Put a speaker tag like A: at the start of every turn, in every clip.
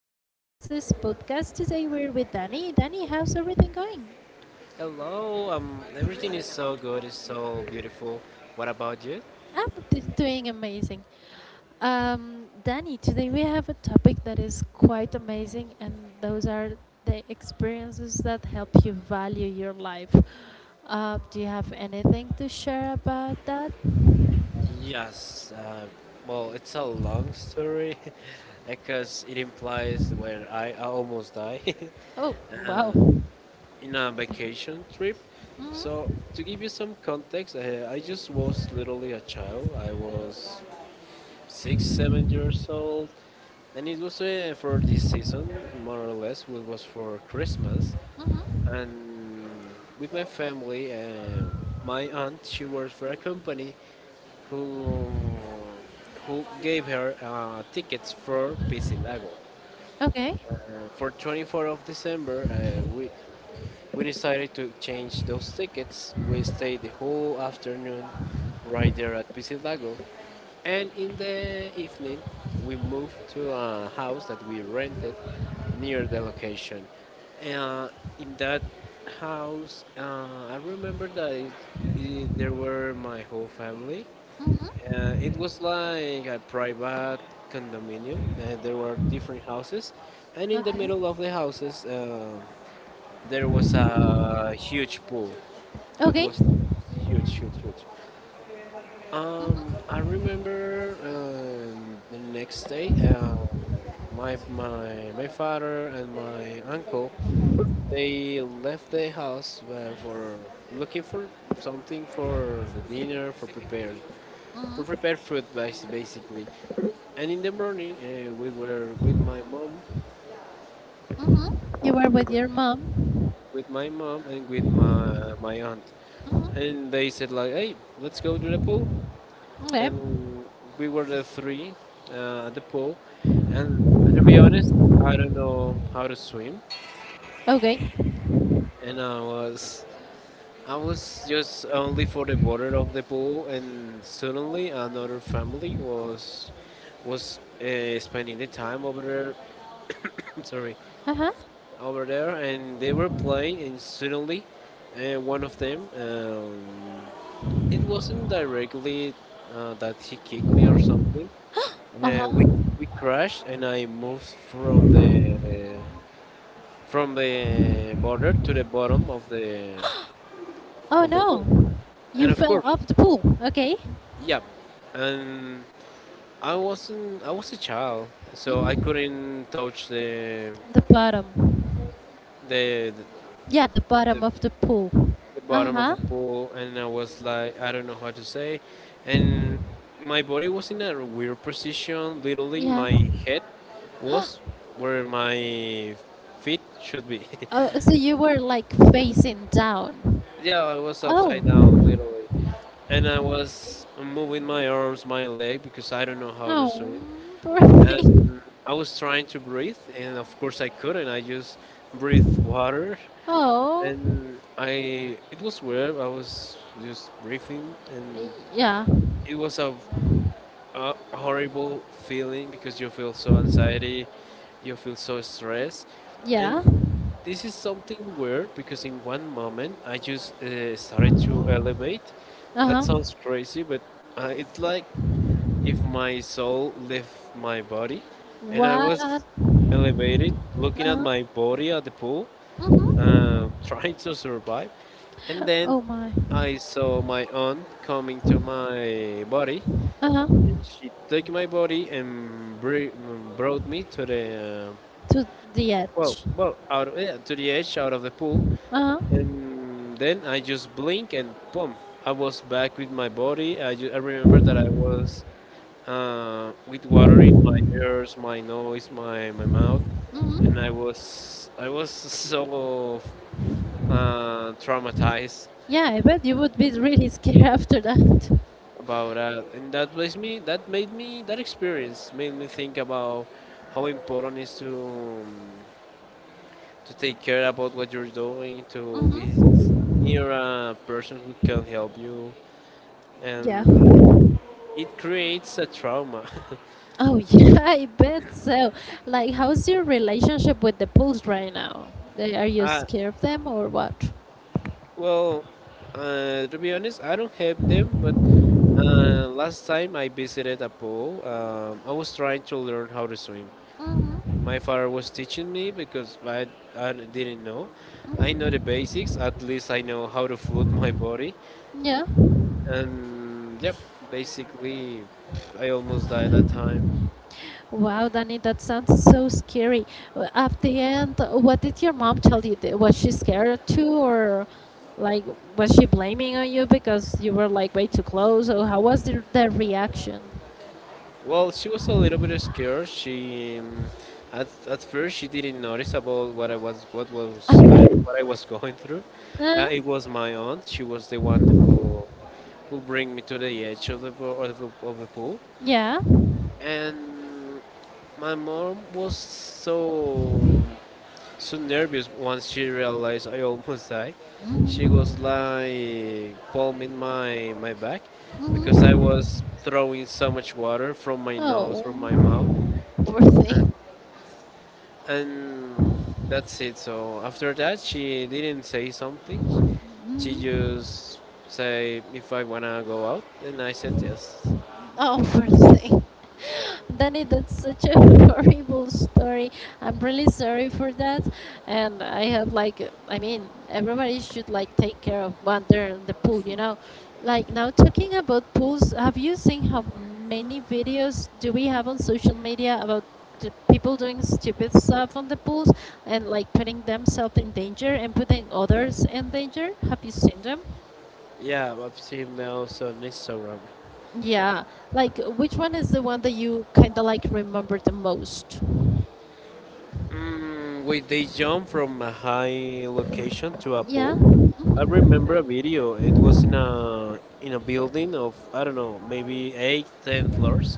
A: episode of this podcast. Today we're with Danny. Danny, how's everything going?
B: Hello, everything is so good, it's so beautiful. What about you?
A: I'm doing amazing. Danny, today we have a topic that is quite amazing, and those are the experiences that help you value your life. Do you have anything to share about that?
B: Yes, well, it's a long story because it implies where I almost die
A: Oh,
B: uh,
A: wow.
B: in a vacation trip. So,
A: Mm-hmm.
B: to give you some context, I just was literally a child. I was 6, 7 years old, and it was for this season, more or less, it was for Christmas.
A: Mm-hmm.
B: And with my family. My aunt, she works for a company who who gave her tickets for Pisilago.
A: Okay.
B: For 24th of December, we decided to exchange those tickets. We stayed the whole afternoon right there at Piscilago. And in the evening, we moved to a house that we rented near the location. Uh, in that house, I remember that there were my whole family.
A: Mm-hmm.
B: It was like a private condominium. There were different houses, and in the
A: Okay.
B: middle of the houses, there was a huge pool. It
A: Okay.
B: was huge, huge, huge. I remember the next day, my father and my uncle, they left the house for looking for something for the dinner, for
A: Mm-hmm.
B: prepared food, basically. And in the morning,
A: Mm-hmm. You were
B: we
A: with
B: were
A: your mom.
B: with my mom and with my aunt,
A: Mhm.
B: and they said like, "Hey, let's go to the pool."
A: Okay.
B: And we were the three at the pool, and to be honest, I don't know how to swim,
A: Okay.
B: and I was just only for the border of the pool, and suddenly another family was spending the time over there. Sorry,
A: Uh huh.
B: over there, and they were playing, and suddenly one of them, it wasn't directly that he kicked me or something.
A: Uh
B: Uh, we
A: huh.
B: we crashed, and I moved from the border to the bottom of the
A: Oh
B: of the pool,
A: no. You
B: and of
A: fell
B: course,
A: off the pool. Okay.
B: yeah, and I wasn't I was a child, so I
A: hmm
B: couldn't touch
A: The bottom.
B: the
A: Yeah, the bottom
B: the,
A: of the pool.
B: the
A: Uh
B: bottom of the
A: huh.
B: pool, and I was like, I don't know how to say. And my body was in a weird position. Literally,
A: Yeah.
B: my head was where my feet should be.
A: Oh, so you were like facing down.
B: Yeah, I was
A: Oh.
B: upside down, literally. And I was moving my arms, my leg, because I don't know how to
A: Oh,
B: swim.
A: poor
B: And
A: thing.
B: I was trying to breathe, and of course I couldn't. I just breathed water,
A: Oh.
B: and I it was weird. I was just breathing, and
A: Yeah.
B: it was a horrible feeling because you feel so anxiety, you feel so stressed,
A: Yeah.
B: and this is something weird because in one moment I just started to elevate.
A: Uh
B: That
A: huh.
B: sounds crazy, but it's like if my soul left my body, and I was
A: What?
B: elevated,
A: Uh
B: looking at
A: huh.
B: my body at the pool,
A: hmm
B: trying to survive, and then
A: Oh my.
B: I saw my aunt coming to my body
A: Uh
B: and
A: huh.
B: she took my body and brought me to the uh,
A: To the
B: well,
A: edge.
B: well, out of, yeah, to the edge, out of the pool,
A: Uh
B: and then I just blink and boom, I was back with my body. I remember that I was with water in my ears, my nose, my mouth,
A: huh.
B: and I was so traumatized
A: Yeah, I bet you would be really scared after that.
B: about that, and that makes me that made me that experience made me think about how important it is to take care about what you're doing, to be
A: Hmm
B: near a person who can help you,
A: Yeah.
B: and it creates a trauma.
A: Oh, yeah, I bet so. Like, how's your relationship with the pools right now? They, are you
B: uh,
A: scared of them or what?
B: well, to be honest, I don't have them, but last time I visited a pool, I was trying to learn how to swim.
A: Hmm
B: My father was teaching me because I didn't know. I
A: hmm
B: know the basics, at least I know how to float my body.
A: Yeah.
B: And yep, basically, I almost died that time.
A: Wow, Danny, that sounds so scary. At the end, what did your mom tell you? Was she scared too, or like was she blaming on you because you were like way too close? Or how was the reaction?
B: Well, she was a little bit scared. She At first she didn't notice about what I was going through.
A: Uh,
B: It was my aunt. She was the one who bring me to the edge of the pool.
A: yeah.
B: And my mom was so nervous once she realized I almost died. She was like palming my back because I was throwing so much water from my nose,
A: Oh,
B: from my mouth,
A: poor
B: and
A: thing.
B: and that's it. So after that, she didn't say something. She just say if I wanna go out, and I said yes.
A: Danny, that's such a horrible story. I'm really sorry for that. And I have like, I mean, everybody should like take care of what they're in the pool, you know? Like now talking about pools, have you seen how many videos do we have on social media about the people doing stupid stuff on the pools and like putting themselves in danger and putting others in danger? Have you seen them?
B: Yeah, I've seen those on Instagram.
A: Yeah, like which one is the one that you kind of like remember the most?
B: Mm, wait, they jump from a high location to a
A: Yeah.
B: pool. I
A: hmm
B: remember a video. It was in a building of I don't know, maybe 8, 10 floors,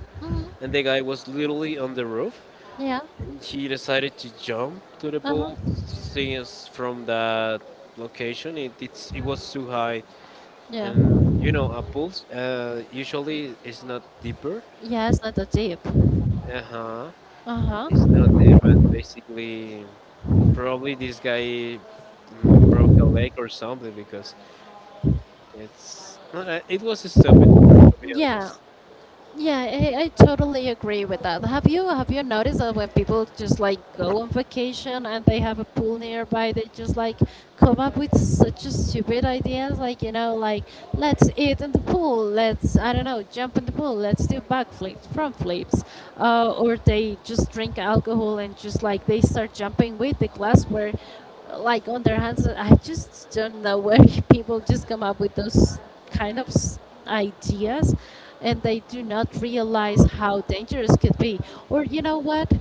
B: and
A: hmm
B: the guy was literally on the roof.
A: Yeah.
B: He decided to jump to the
A: Uh huh.
B: pool since from that location. It was too high,
A: Yeah.
B: and you know, a pool usually is not deeper.
A: Yeah, it's not that deep.
B: Uh huh.
A: Uh
B: It's
A: huh.
B: not deep, and basically probably this guy broke a leg or something because it's no, I- it was stupid, to be
A: Yeah.
B: honest.
A: Yeah, I totally agree with that. Have you noticed that when people just like go on vacation and they have a pool nearby, they just like come up with such a stupid ideas, like you know, like let's eat in the pool, let's I don't know, jump in the pool, let's do backflips, front flips, or they just drink alcohol and just like they start jumping with the glassware, like on their hands. I just don't know where people just come up with those kind of ideas and they do not realize how dangerous could be, or you know what,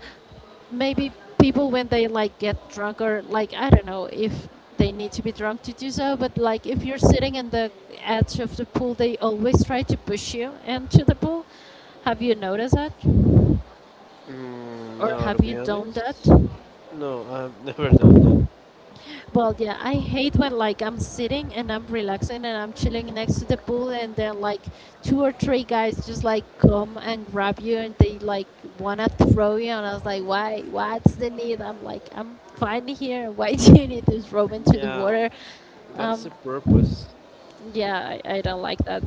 A: maybe people when they like get drunk or like I don't know if they need to be drunk to do so, but like if you're sitting in the edge of the pool they always try to push you into the pool. Have you noticed that,
B: Mm,
A: or
B: no,
A: have
B: to
A: you
B: be
A: done
B: honest,
A: that?
B: no, I've never done that.
A: Well, yeah, I hate when like I'm sitting and I'm relaxing and I'm chilling next to the pool and then like two or three guys just like come and grab you and they like wanna throw you and I was like, why? What's the need? I'm like, I'm fine here. Why do you need to throw me into the
B: Yeah,
A: water?
B: what's
A: Um,
B: the purpose?
A: yeah, I don't like that.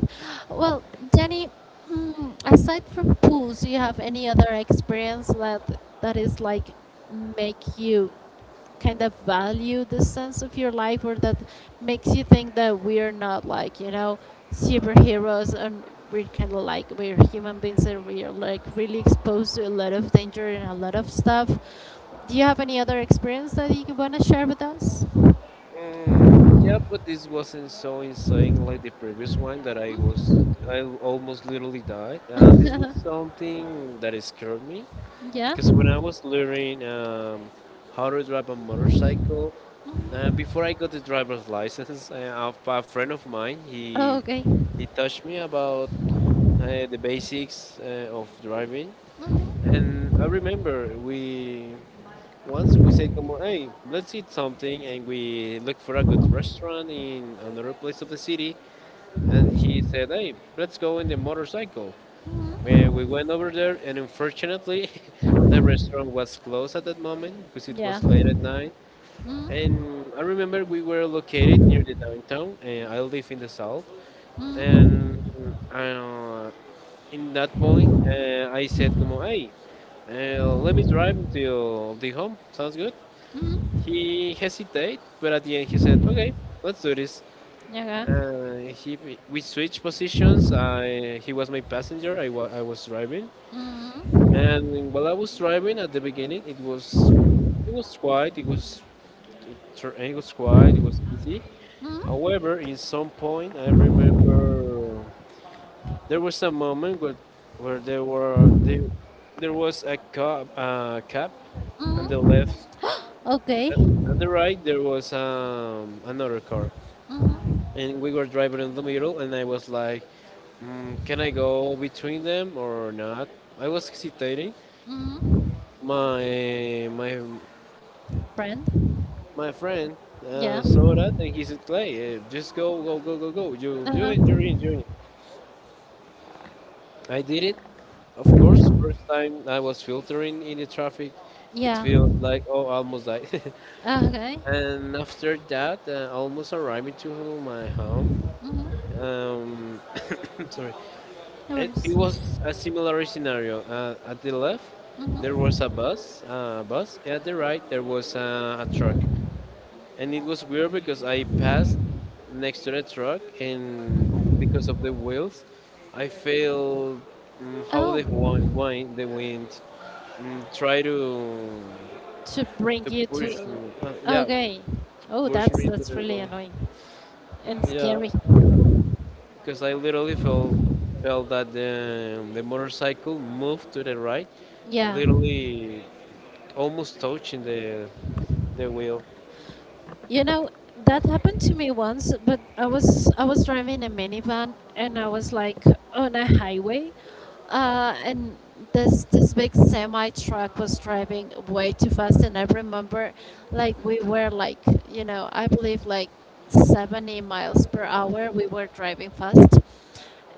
A: Well, Jenny, aside from pools, do you have any other experience that is like make you kind of value the sense of your life, or that makes you think that we're not like you know superheroes, and we're kind of like, we're human beings and we're like really exposed to a lot of danger and a lot of stuff? Do you have any other experience that you want to share with us?
B: Mm, yeah, but this wasn't so insane like the previous one that I
A: Mhm.
B: was. I almost literally died. This was something that scared me
A: yeah.
B: because when I was learning how to drive a motorcycle. Before I got the driver's license, a, friend of mine
A: Oh,
B: he
A: okay.
B: he taught me about the basics of driving, and I remember we once we said, "Come on, hey, let's eat something," and we looked for a good restaurant in another place of the city, and he said, "Hey, let's go in the motorcycle."
A: Mhm.
B: We went over there, and unfortunately, the restaurant was closed at that moment because it
A: Yeah.
B: was late at night,
A: Mhm.
B: and I remember we were located near the downtown, and I live in the south.
A: Mhm.
B: And uh, in that point, I said, "Como, hey, let me drive till the home. Sounds good."
A: Mhm.
B: He hesitated, but at the end, he said, "Okay, let's do this."
A: Yeah.
B: He We switched positions. I He was my passenger. I was driving,
A: Mhm.
B: and while I was driving at the beginning, it was quiet. It was quiet. It was easy.
A: Mhm.
B: However, in some point, I remember there was a moment where there was a cab, and the
A: Mhm.
B: left,
A: Okay.
B: uh, and the right there was another car,
A: Mhm.
B: and we were driving in the middle, and I was like, can I go between them or not? I was hesitating.
A: Mhm.
B: My my
A: Friend.
B: my friend
A: Yeah.
B: saw that, and he said, "Clay, just go, go, go, go, go. You in, you're
A: Uh-huh.
B: in, you're in." I did it. Of course, first time I was filtering in the traffic, it
A: Yeah.
B: feels like, oh, almost died.
A: Okay.
B: And after that, almost arriving to my home.
A: Mm-hmm.
B: Um, sorry,
A: No
B: it
A: worries.
B: was a similar scenario. At the left, there was
A: Mm-hmm.
B: a bus. Bus at the right, there was a truck, and it was weird because I passed next to the truck, and because of the wheels, I felt how the
A: Oh,
B: wind, the wind and try
A: to bring
B: to
A: you
B: push
A: to.
B: me. Yeah,
A: Okay. Oh,
B: push me to
A: that's
B: the
A: really
B: goal.
A: annoying and
B: Yeah,
A: scary.
B: because I literally felt that the motorcycle moved to the right,
A: Yeah.
B: literally almost touching the wheel.
A: You know, that happened to me once, but I was driving a minivan and I was like on a highway, and this big semi truck was driving way too fast, and I remember like we were like you know I believe like 70 miles per hour, we were driving fast.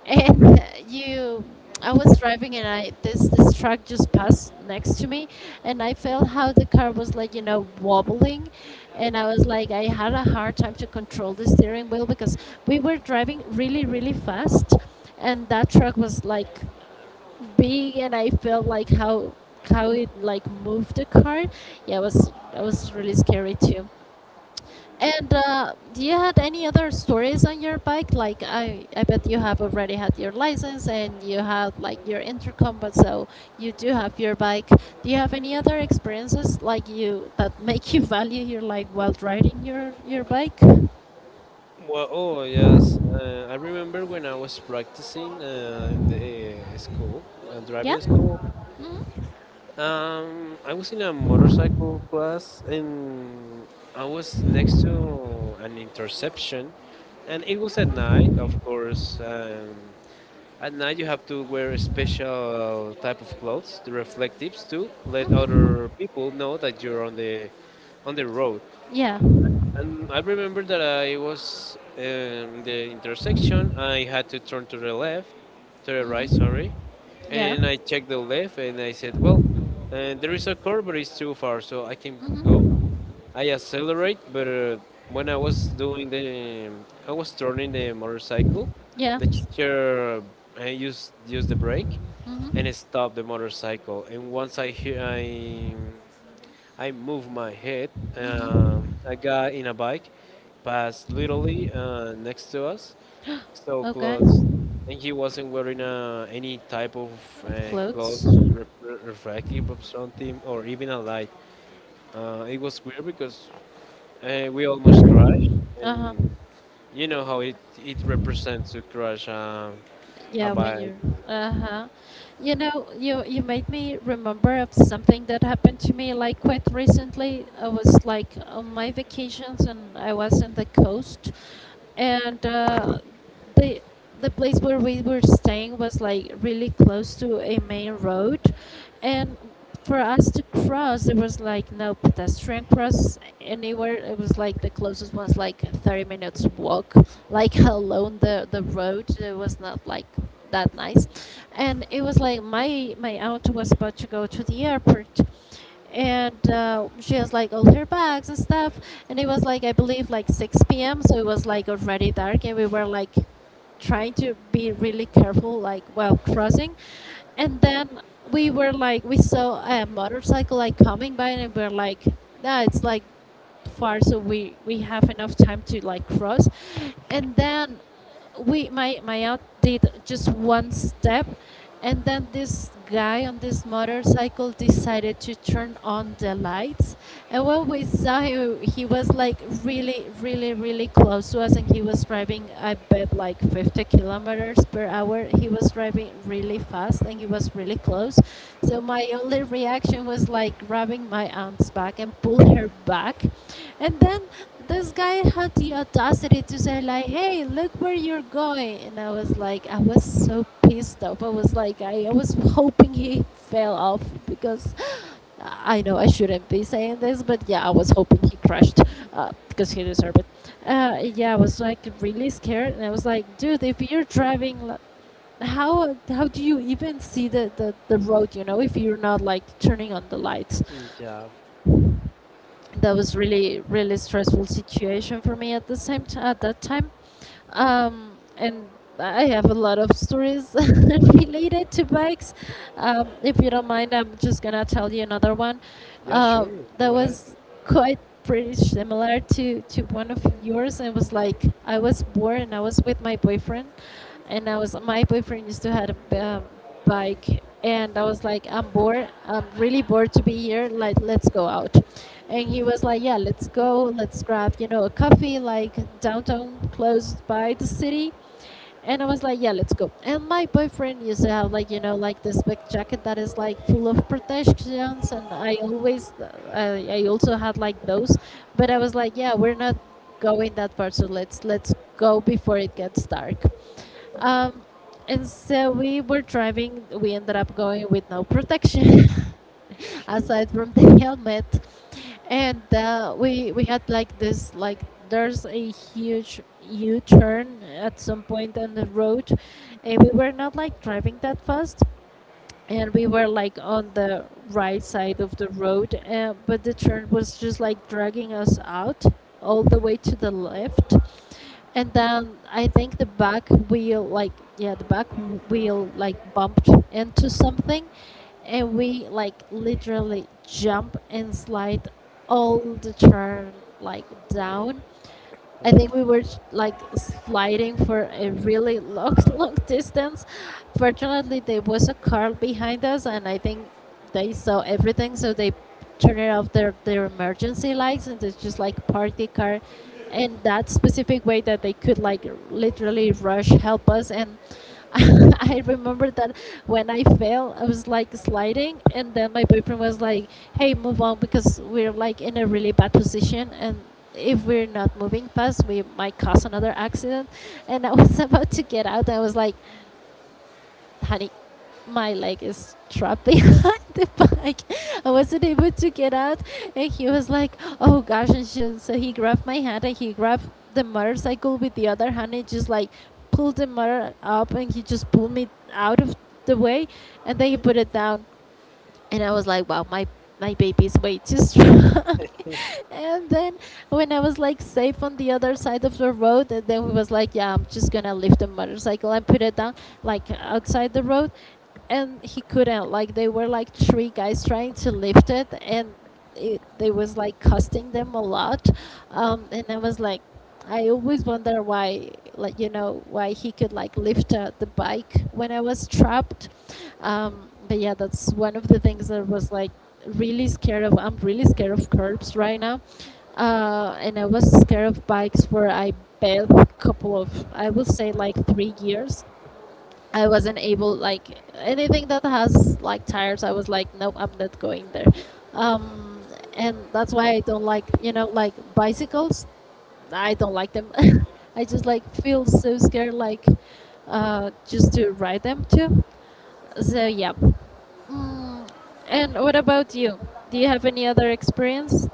A: And you I was driving and I this this truck just passed next to me, and I felt how the car was like you know wobbling, and I was like I had a hard time to control the steering wheel because we were driving really really fast, and that truck was like big, and I felt like how it like moved the car. Yeah, it was that was really scary too. And do you had any other stories on your bike? Like I bet you have already had your license and you have like your intercom, but so you do have your bike. Do you have any other experiences like you that make you value your life while riding your bike?
B: Well, oh yes, I remember when I was practicing in
A: Yeah.
B: driving school.
A: hmm
B: I was in a motorcycle class, and I was next to an interception, and it was at night, of course. At night, you have to wear a special type of clothes, the reflectives, to let
A: hmm
B: other people know that you're on the road.
A: Yeah.
B: And I remember that I was in the intersection. I had to turn to the left, to the
A: hmm
B: right, sorry.
A: Yeah.
B: And I checked the left and I said, well, there is a curve, but it's too far, so I can go.
A: hmm
B: I accelerate, but when I was I was turning the motorcycle,
A: Yeah.
B: the teacher used the brake, and
A: hmm
B: it stopped the motorcycle. And once I hear, I moved my head.
A: hmm
B: A guy in a bike passed literally next to us, so
A: Okay.
B: close, and he wasn't wearing any type of
A: Of clothes.
B: clothes, refractive or something, or even a light. It was weird because we almost crashed,
A: Uh huh.
B: and you know how it represents to crash a
A: Yeah, when
B: bike.
A: you're uh-huh. You know, you made me remember of something that happened to me like quite recently. I was like on my vacations and I was in the coast, and the the place where we were staying was like really close to a main road, and for us to cross there was like no pedestrian cross anywhere. It was like the closest was like 30 minutes walk, like alone the road, it was not like that nice. And it was like my aunt was about to go to the airport, and she has like all her bags and stuff, and it was like I believe like 6 p.m., so it was like already dark, and we were like trying to be really careful like while crossing. And then we were like we saw a motorcycle like coming by, and we were like nah it's like far, so we have enough time to like cross. And then we, my aunt did just one step, and then this guy on this motorcycle decided to turn on the lights, and when we saw him he was like really really really close to us, and he was driving I bet like 50 kilometers per hour. He was driving really fast and he was really close, so my only reaction was like grabbing my aunt's back and pull her back. And then this guy had the audacity to say like hey look where you're going, and I was like, I was so pissed off, I was like, I was hoping he fell off because, I know I shouldn't be saying this, but yeah, I was hoping he crashed. Because he deserved it. Yeah, I was like really scared, and I was like dude if you're driving how do you even see the road, you know, if you're not like turning on the lights.
B: Yeah,
A: That was really really stressful situation for me at the same at that time. And I have a lot of stories related to bikes. If you don't mind I'm just gonna tell you another one.
B: yeah, sure,
A: um,
B: go
A: that
B: ahead.
A: was quite pretty similar to one of yours. It was like I was bored and I was with my boyfriend, and I was my boyfriend used to had a, bike, and I was like I'm bored I'm really bored to be here, like let's go out. And he was like yeah let's go, let's grab you know a coffee like downtown close by the city. And I was like, yeah, let's go. And my boyfriend used to have like, you know, like this big jacket that is like full of protections. And I always, I also had like those, but I was like, yeah, we're not going that far. So let's go before it gets dark. Um, and so we were driving, we ended up going with no protection,
B: Okay.
A: aside from the helmet. And we had like this like there's a huge u-turn at some point on the road, and we were not like driving that fast, and we were like on the right side of the road, but the turn was just like dragging us out all the way to the left. And then I think the back wheel, like, yeah, the back wheel, like, bumped into something, and we, like, literally jump and slide all the turn, like, down. I think we were like sliding for a really long, long distance. Fortunately, there was a car behind us, and I think they saw everything, so they turned off their emergency lights and they just like parked the car in that specific way that they could like literally rush help us. And I remember that when I fell, I was like sliding, and then my boyfriend was like, "Hey, move on because we're like in a really bad position, and if we're not moving fast, we might cause another accident." And I was about to get out, I was like, honey, my leg is trapped behind the bike. I wasn't able to get out. And he was like, oh gosh. And so he grabbed my hand and he grabbed the motorcycle with the other hand and just like pulled the motor up and he just pulled me out of the way, and then he put it down, and I was like, wow, my baby is way too strong. And then when I was like safe on the other side of the road, and then we was like, yeah, I'm just gonna lift the motorcycle and put it down like outside the road, and he couldn't. Like they were like three guys trying to lift it, and it, they was like costing them a lot, and I was like. I always wonder why, like why he could like lift the bike when I was trapped. But yeah, that's one of the things that was like really scared of. I'm really scared of curbs right now, and I was scared of bikes for I bet couple of I will say like 3 years. I wasn't able like anything that has like tires. I was like, nope, I'm not going there. Um, and that's why I don't like like bicycles. I don't like them. I just like feel so scared like just to ride them too. So yeah. Mm, and what about you? Do you have any other experience?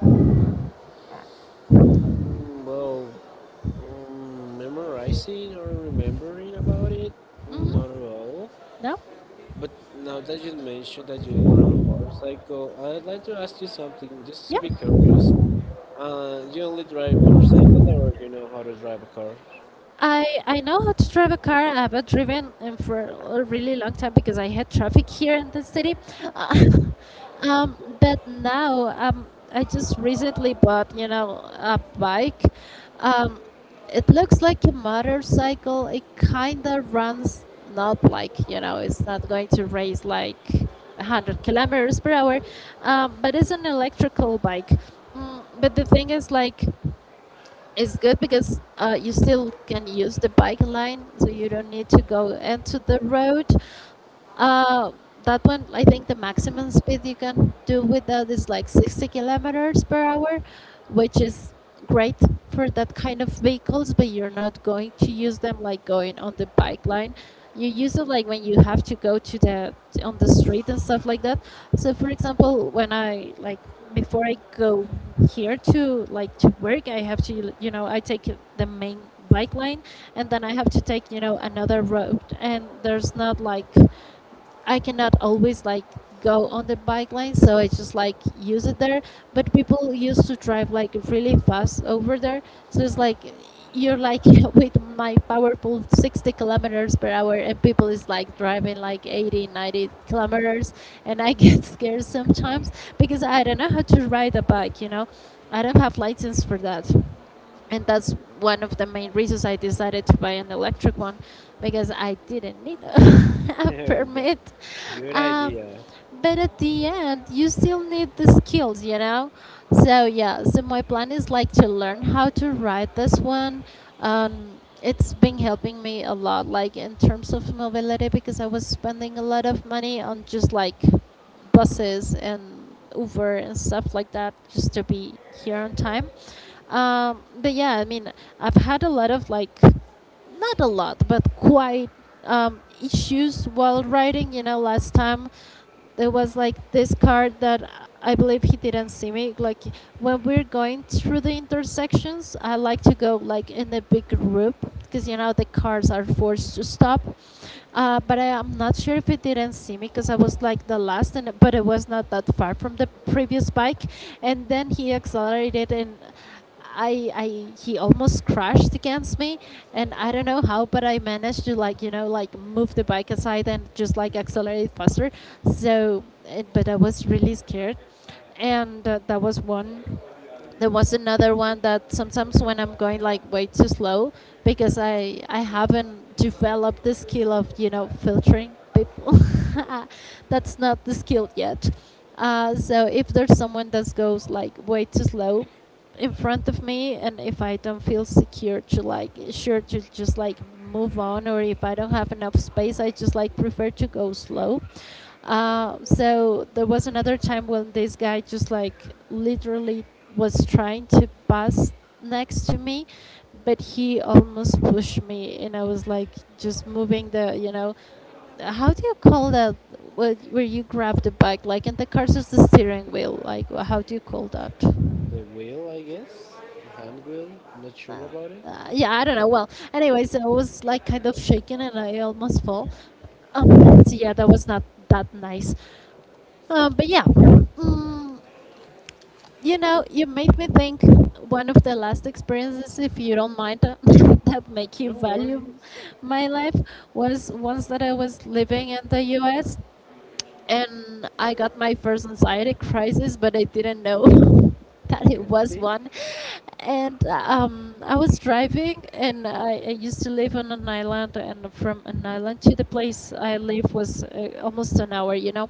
B: Mm, well, memorizing or remembering about it?
A: Hmm.
B: Not at all.
A: No.
B: But now that you mentioned that you drive a motorcycle, I'd like to ask you something just to
A: Yeah.
B: be curious. You only drive motorcycle or you know how to drive a car?
A: I know how to drive a car. I have driven for a really long time because I had traffic here in the city. But now I just recently bought a bike. Um, it looks like a motorcycle. It kinda runs not like it's not going to race like 100 kilometers per hour, but it's an electrical bike. Mm, but the thing is like. It's good because you still can use the bike lane, so you don't need to go into the road. Uh, that one, I think the maximum speed you can do with that is like 60 kilometers per hour, which is great for that kind of vehicles, but you're not going to use them like going on the bike line. You use it like when you have to go to the on the street and stuff like that. So for example, when I like before I go here to like to work, I have to I take the main bike line, and then I have to take another road, and there's not like I cannot always like go on the bike lane, so I just like use it there. But people used to drive like really fast over there, so it's like you're like with my powerful 60 kilometers per hour, and people is like driving like 80 90 kilometers, and I get scared sometimes because I don't know how to ride a bike, I don't have license for that. And that's one of the main reasons I decided to buy an electric one because I didn't need a,
B: Yeah.
A: permit.
B: Good
A: Um,
B: idea.
A: but at the end, you still need the skills, you know. So yeah, so my plan is like to learn how to ride this one. It's been helping me a lot, like in terms of mobility, because I was spending a lot of money on just like buses and Uber and stuff like that just to be here on time, but yeah, I mean, I've had a lot of like, not a lot, but quite issues while writing. You know, last time there was like this card that I believe he didn't see me. Like when we're going through the intersections, I like to go like in a big group because you know the cars are forced to stop. But I am not sure if it didn't see me because I was like the last, and but it was not that far from the previous bike. And then he accelerated, and he almost crashed against me. And I don't know how, but I managed to like, you know, like move the bike aside and just like accelerate faster. So, it, but I was really scared, and that was one there was another one that sometimes when I'm going like way too slow because I haven't developed the skill of you know filtering people. That's not the skill yet. So if there's someone that goes like way too slow in front of me, and if I don't feel secure to like sure to just like move on, or if I don't have enough space, I just like prefer to go slow. So there was another time when this guy just like literally was trying to pass next to me, but he almost pushed me, and I was like just moving the, you know, how do you call that? What, where you grab the bike, like in the cars, there's the steering wheel. Like, how do you call that?
B: The wheel, I guess? The hand wheel? I'm not sure
A: Well,
B: about it.
A: Yeah, I don't know. Well, anyways, I was like kind of shaking and I almost fall. So yeah, that was not that nice. But yeah, mm, you know, you make me think one of the last experiences, if you don't mind, that make you
B: No
A: value
B: worries.
A: my life was once that I was living in the U.S. and I got my first anxiety crisis, but I didn't know that it was
B: Okay.
A: one. And I was driving, and I used to live on an island, and from an island to the place I live was almost an hour, you know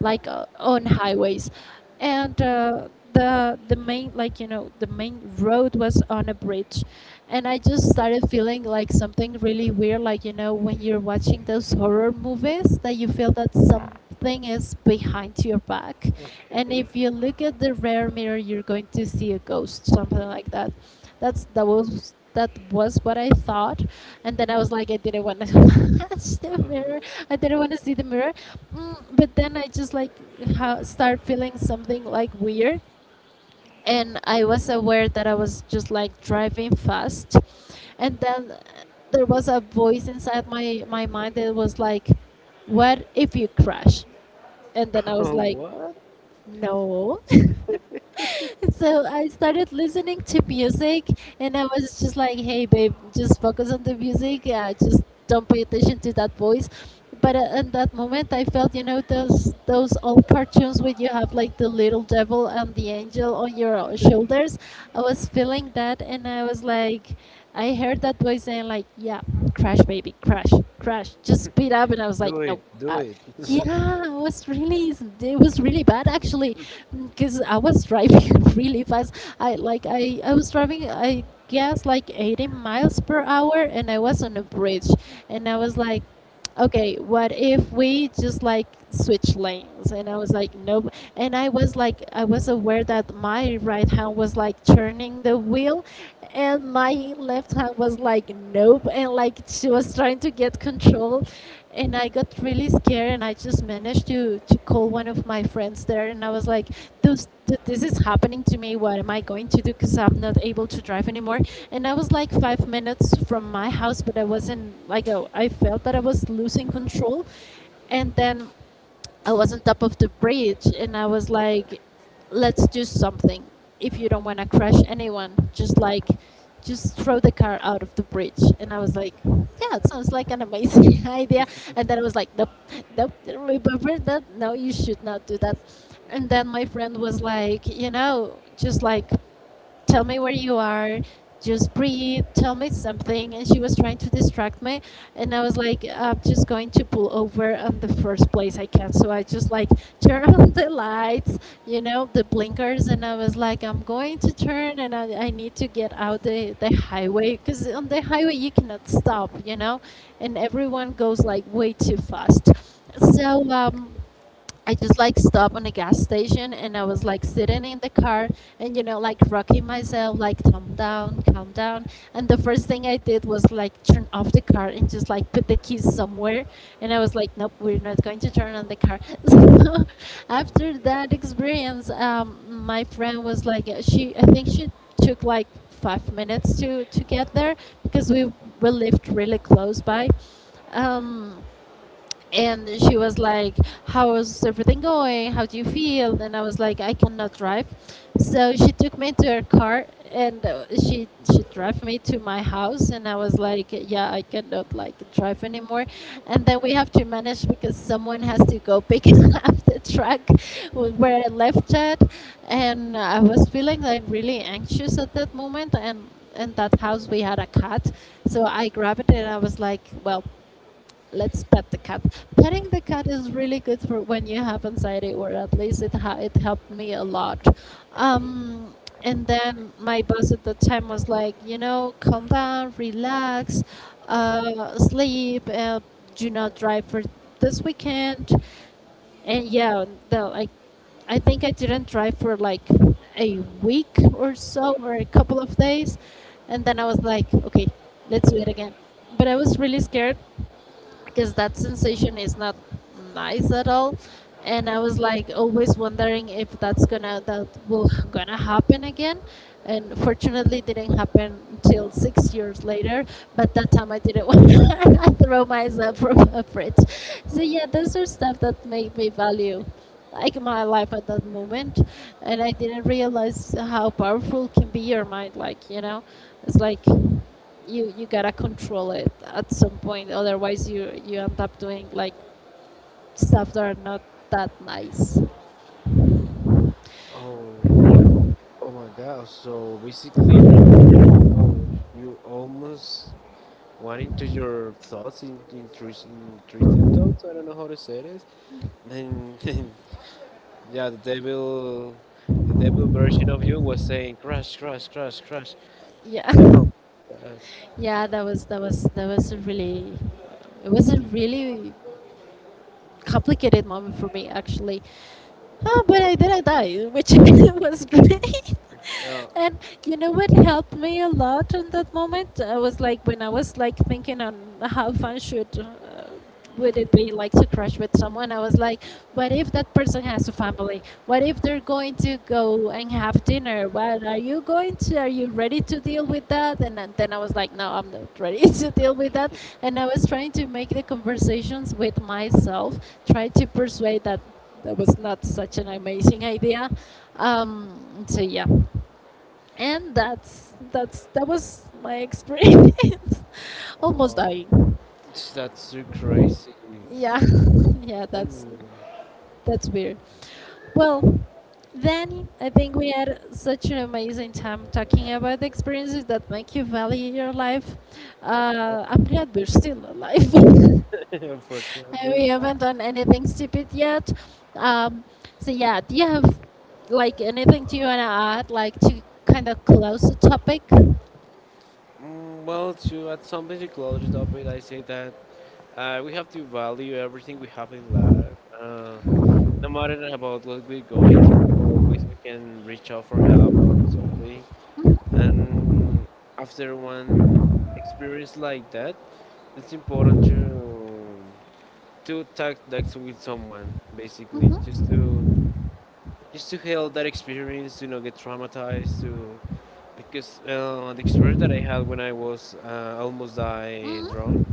A: like on highways, and the main like you know the main road was on a bridge, and I just started feeling like something really weird, like you know when you're watching those horror movies that you feel that something is behind your back, and
B: Okay.
A: if you look at the rear mirror you're going to see a ghost, something like that. That's that was what I thought. And then I was like, I didn't want to touch the mirror. I didn't want to see the mirror. Mm, but then I just like start feeling something like weird. And I was aware that I was just like driving fast. And then there was a voice inside my mind that was like, what if you crash? And then I was like,
B: What?
A: no. So I started listening to music, and I was just like, "Hey, babe, just focus on the music. Just don't pay attention to that voice." But in that moment, I felt, you know, those old cartoons where you have like the little devil and the angel on your shoulders. I was feeling that, and I was like, I heard that voice saying like, "Yeah, crash, baby, crash, crash. Just speed up." And I was like,
B: Do
A: "No."
B: it. Do it.
A: Yeah, it was really it was really bad actually, because I was driving really fast. I was driving I guess like 80 miles per hour, and I was on a bridge, and I was like, okay, what if we just like switch lanes? And I was like, nope. And I was like, I was aware that my right hand was like turning the wheel, and my left hand was like, nope, and like she was trying to get control, and I got really scared, and I just managed to call one of my friends there, and I was like, this this is happening to me, what am I going to do, cuz I'm not able to drive anymore. And I was like 5 minutes from my house, but I wasn't like, oh, I felt that I was losing control. And then I was on top of the bridge, and I was like, let's do something. If you don't want to crash anyone, just like, just throw the car out of the bridge. And I was like, yeah, it sounds like an amazing idea. And then I was like, nope, nope, remember that? No, you should not do that. And then my friend was like, just like, tell me where you are, just breathe, tell me something. And she was trying to distract me. And I was like, I'm just going to pull over on the first place I can. So I just like turn on the lights, the blinkers. And I was like, I'm going to turn, I need to get out the highway, because on the highway you cannot stop. And everyone goes like way too fast. So I just like stopped on a gas station, and I was like sitting in the car and like rocking myself like calm down, calm down. And the first thing I did was like turn off the car and just like put the keys somewhere. And I was like, nope, we're not going to turn on the car. So
B: Oh
A: after
B: my
A: that experience, my friend was like, she I think she took like 5 minutes to get there, because we lived really close by. Um, and she was like, how's everything going, how do you feel? And I was like, I cannot drive. So she took me to her car, and she drove me to my house. And I was like, yeah, I cannot like drive anymore. And then we have to manage, because someone has to go pick up the truck where I left it. And I was feeling like really anxious at that moment. And in that house we had a cat, so I grabbed it and I was like, well, let's pet the cat. Petting the cat is really good for when you have anxiety, or at least it helped me a lot. Um, and then my boss at the time was like, calm down, relax, sleep, do not drive for this weekend. And yeah, no, I think I didn't drive for like a week or so, or a couple of days. And then I was like, okay, let's do it again. But I was really scared, because that sensation is not nice at all. And I was like always wondering if that will gonna happen again. And fortunately it didn't happen until 6 years later, but that time I didn't want to throw
B: God.
A: myself from a bridge. So yeah, those are stuff that made me value like my life at that moment. And I didn't realize how powerful can be your mind, like, it's like you gotta control it at some point, otherwise you end up doing like stuff that are not that nice.
B: Oh Oh my God. So basically, al- you almost went into your thoughts in intrusive thoughts. I don't know how to say this. And yeah, the devil version of you was saying crash, crash, crash, crash.
A: Yeah.
B: Oh, God.
A: Yeah, that was a really, it was a really complicated moment for me actually. Oh, but I didn't die, which was great.
B: Yeah.
A: And you know what helped me a lot in that moment? I was like, when I was like thinking on how fun should would it be like to crash with someone, I was like, what if that person has a family? What if they're going to go and have dinner? What are you going to? Are you ready to deal with that? And then I was like, no, I'm not ready to deal with that. And I was trying to make the conversations with myself, try to persuade that that was not such an amazing idea. So yeah, and that's that was my experience almost
B: Oh,
A: dying.
B: that's too crazy.
A: Yeah. Yeah, that's
B: And
A: that's weird. Well, Danny, I think we had such an amazing time talking about the experiences that make you value your life. I'm glad we're still alive. And
B: unfortunately.
A: we
B: uh,
A: haven't done anything stupid yet. Um, so yeah, do you have like anything, do you want to add, like to kind of close the topic?
B: Mm, well, to add something to close it up with, I say that we have to value everything we have in life. No matter about what we're going through, always we can reach out for help or something. And after one experience like that, it's important to talk like to with someone, basically, just to help that experience, to not get traumatized, to because the experience that I had when I was almost died drowned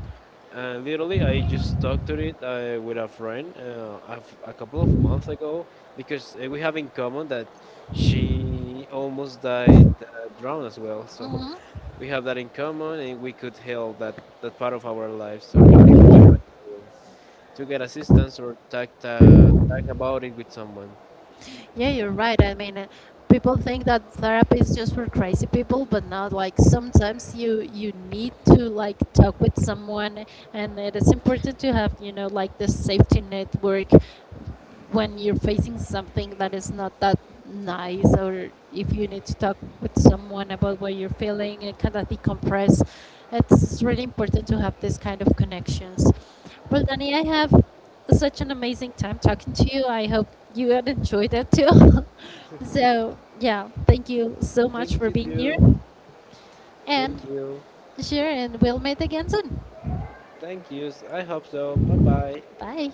B: and literally, I just talked to it with a friend a couple of months ago because we have in common that she almost died drowned as well. So
A: Hmm.
B: we have that in common, and we could help that part of our life. So it's important to get assistance or talk about it with someone.
A: Yeah, you're right. I mean, people think that therapy is just for crazy people, but not like sometimes you need to like talk with someone. And it is important to have, like, the safety network when you're facing something that is not that nice, or if you need to talk with someone about what you're feeling and kind of decompress. It's really important to have this kind of connections. Well, Danny, I have such an amazing time talking to you. I hope you had enjoyed it too. So yeah, thank you so
B: Thank
A: much for
B: you
A: being here.
B: too.
A: And
B: Thank you.
A: sure, and we'll meet again soon.
B: Thank you. I hope so. Bye bye.
A: Bye.